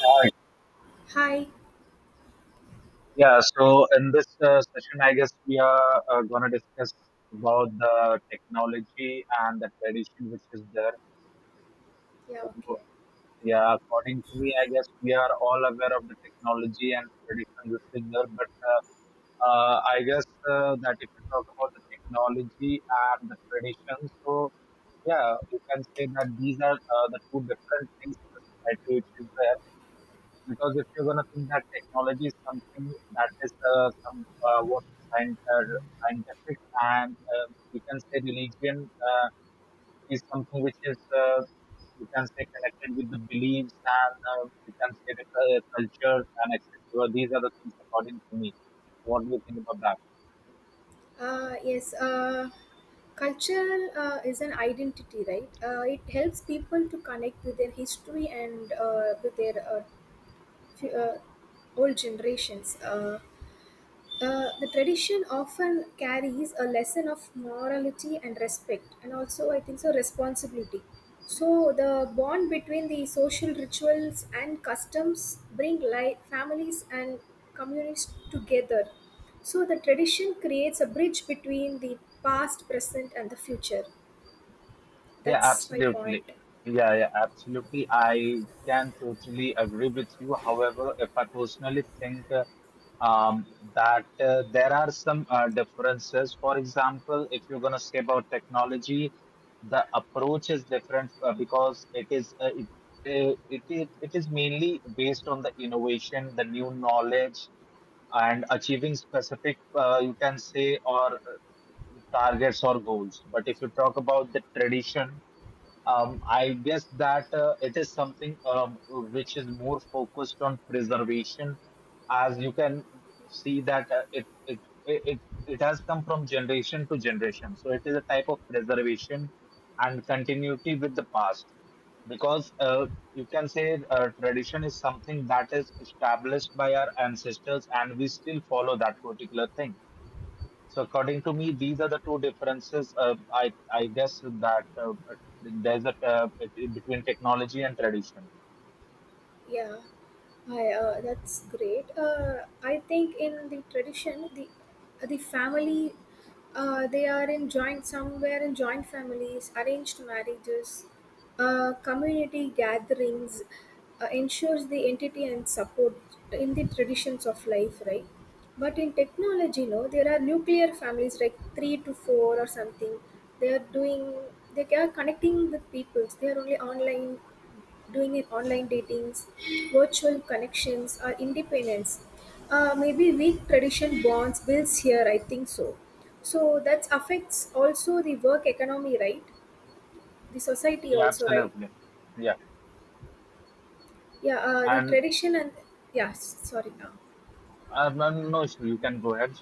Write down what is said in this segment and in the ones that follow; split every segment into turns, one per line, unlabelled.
Hi.
Hi.
Yeah, so in this session, I guess we are going to discuss about the technology and the tradition which is there.
Yeah,
So,
okay.
yeah, according to me, I guess we are all aware of the technology and tradition which is there. But I guess that if you talk about the technology and the tradition, so yeah, you can say that these are the two different things in the society which is there. Because if you're gonna think that technology is something that is scientific and you can say religion is something which is you can say connected with the beliefs and you can say the culture and etc. These are the things according to me. What do you think about that?
Yes, culture is an identity, right? It helps people to connect with their history and with their fu- uh, old generations. The tradition often carries a lesson of morality, and respect, and also I think so responsibility. So the bond between the social rituals and customs bring life, families, and communities together. So the tradition creates a bridge between the past, present, and the future.
Yeah,
That's my
absolutely.
point.
Yeah, yeah, absolutely. I can totally agree with you. However, if I personally think um, that there are some differences. For example, if you're going to say about technology, the approach is different because it is it, it, it, it is mainly based on the innovation, the new knowledge, and achieving specific, you can say, or targets or goals. But if you talk about the tradition, I guess that it is something which is more focused on preservation, as you can see that it has come from generation to generation. So it is a type of preservation and continuity with the past, because you can say tradition is something that is established by our ancestors, and we still follow that particular thing. So according to me, these are the two differences. I guess that there's a between technology and tradition.
Yeah, that's great. I think in the tradition, the family, they are in joint, somewhere in joint families, arranged marriages, community gatherings, ensures the entity and support in the traditions of life, right? But in technology, no, there are nuclear families like three to four or something. They are doing, they are connecting with people. They are only online doing an online datings, virtual connections, or independence. Maybe weak tradition bonds builds here, I think so. So that affects also the work economy, right? The society
Yeah,
also, right?
absolutely. Yeah,
Yeah, the
and
tradition and yeah, sorry.
no no issue. You can go ahead.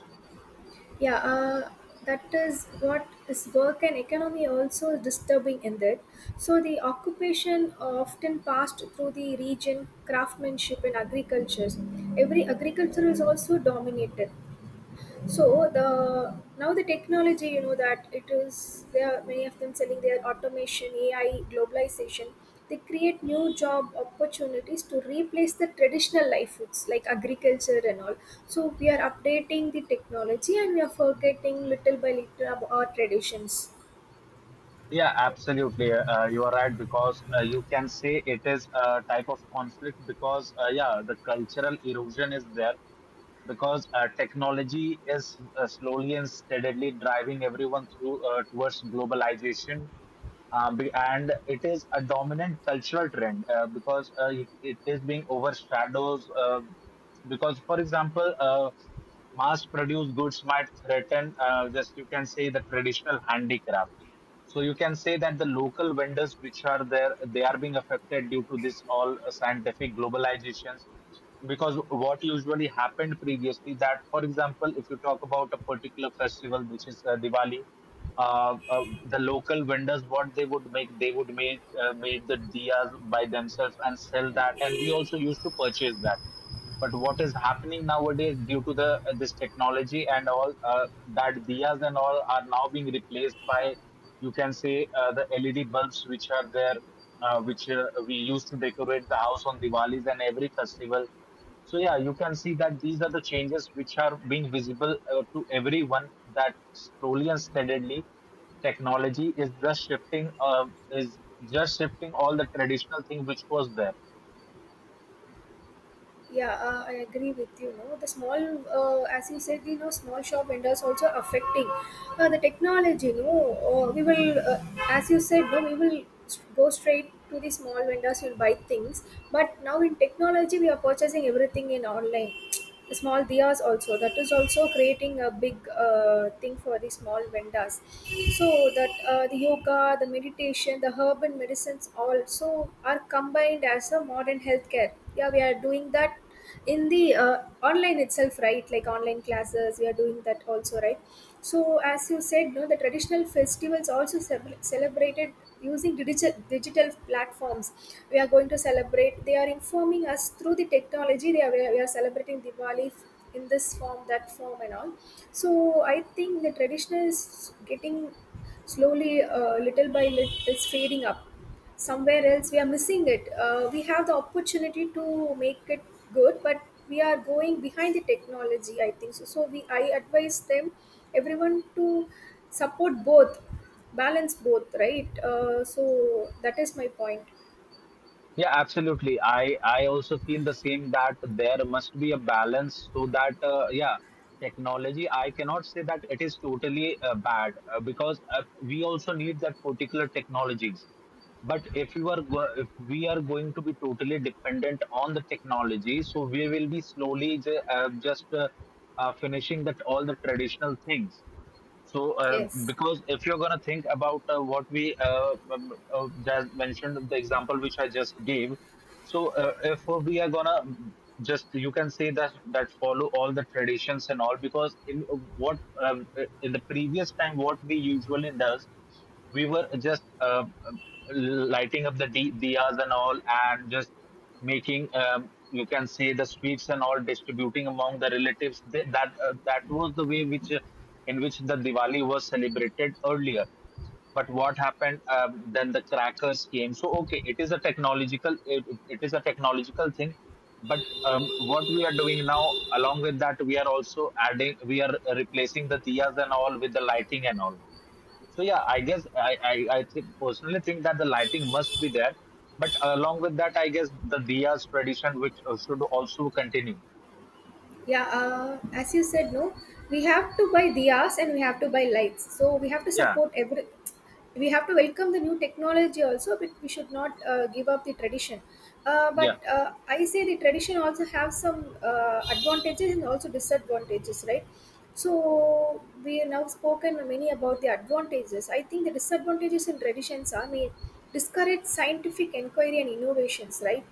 yeah, uh, that is what is work and economy also disturbing in that. So the occupation often passed through the region, craftsmanship, and agriculture. Every agriculture is also dominated. So the now the technology, you know that it is there are many of them selling their automation, AI, globalization. They create new job opportunities to replace the traditional life foods like agriculture and all. So we are updating the technology, and we are forgetting little by little about our traditions.
Yeah, absolutely. You are right because you can say it is a type of conflict because yeah, the cultural erosion is there because technology is slowly and steadily driving everyone through towards globalization, and it is a dominant cultural trend because it is being overshadowed, because for example mass produced goods might threaten, just you can say the traditional handicraft. So you can say that the local vendors which are there, they are being affected due to this all scientific globalizations. Because what usually happened previously, that, for example, if you talk about a particular festival which is Diwali, the local vendors, what they would make make the diyas by themselves and sell that, and we also used to purchase that. But what is happening nowadays due to the this technology and all, that diyas and all are now being replaced by, you can say, the LED bulbs which are there, which we used to decorate the house on Diwali's and every festival. So yeah, you can see that these are the changes which are being visible to everyone, that slowly and steadily technology is just shifting, is just shifting all the traditional thing which was there.
Yeah, I agree with you. No, the small, as you said, you know, small shop vendors also affecting the technology. No, we will, As you said, no, we will go straight to the small vendors and buy things. But now in technology, we are purchasing everything in online. Small diyas also, that is also creating a big thing for the small vendors. So that the yoga, the meditation, the herb and medicines also are combined as a modern healthcare. Yeah, we are doing that in the online itself, right, like online classes. We are doing that also, right. So as you said, no, the traditional festivals also celebrated using digital platforms. We are going to celebrate, they are informing us through the technology. We are celebrating Diwali in this form, that form, and all. So I think the traditional is getting slowly, little by little, is fading up. Somewhere else we are missing it. Uh, we have the opportunity to make it good, but we are going behind the technology, I think so. So we I advise them, everyone, to support both, balance both, right. So that is my point.
Yeah, absolutely. I also feel the same, that there must be a balance so that yeah, technology. I cannot say that it is totally bad, because we also need that particular technologies. But if you are go if we are going to be totally dependent on the technology, so we will be slowly just finishing that all the traditional things. So,
Yes,
because if you're going to think about what we just mentioned, the example which I just gave, so if we are going to just, you can say that, that follow all the traditions and all, because in what in the previous time, what we usually does, we were just lighting up the diyas and all and just making, you can say, the sweets and all, distributing among the relatives. That that was the way which in which the diwali was celebrated earlier, but what happened, then the crackers came, so okay, it is a technological, it is a technological thing, but what we are doing now, along with that we are also adding, we are replacing the diyas and all with the lighting and all. So yeah, I guess I personally think that the lighting must be there, but along with that, I guess the diyas tradition which should also continue.
yeah, as you said, no, we have to buy diyas and we have to buy lights, so we have to
Yeah,
support every. We have to welcome the new technology also, but we should not give up the tradition. Uh,
yeah,
but I say the tradition also have some advantages and also disadvantages, right. So we have now spoken many about the advantages. I think the disadvantages in traditions are may discourage scientific inquiry and innovations, right.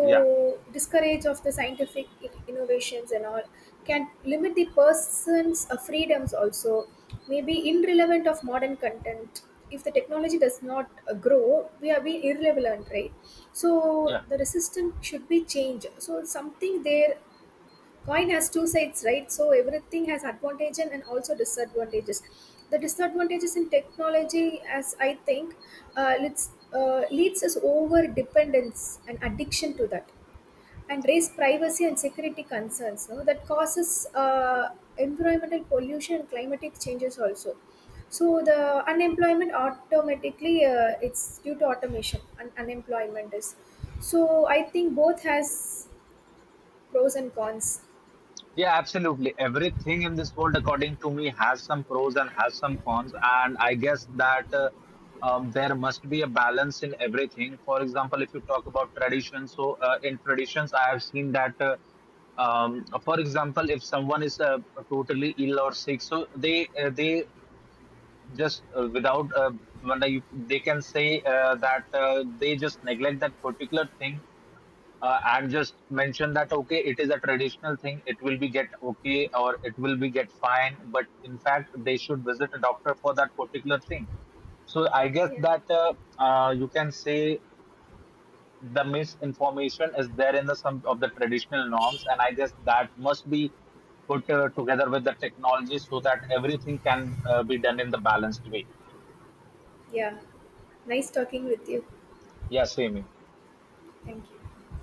yeah,
discourage of the scientific innovations and all can limit the person's freedoms also, maybe irrelevant of modern content. If the technology does not grow, we are being irrelevant, right. So
yeah,
the resistance should be changed, so something there. Coin has two sides, right. So everything has advantages and also disadvantages. The disadvantages in technology, as I think, leads us over dependence and addiction to that, and raise privacy and security concerns. No, that causes environmental pollution and climatic changes also. So the unemployment automatically, it's due to automation, and unemployment is. So I think both has pros and cons.
yeah. Absolutely, everything in this world, according to me, has some pros and has some cons, and I guess that. There must be a balance in everything. For example, if you talk about tradition, so in traditions, I have seen that for example, if someone is totally ill or sick, so they just without when I- they can say that they just neglect that particular thing, and just mention that, okay, it is a traditional thing, it will be get okay or it will be get fine, but in fact they should visit a doctor for that particular thing. So I guess
Yeah.
that you can say the misinformation is there in the some of the traditional norms, and I guess that must be put together with the technology so that everything can be done in the balanced way.
Yeah, nice talking with you.
Yes, yeah,
Thank you.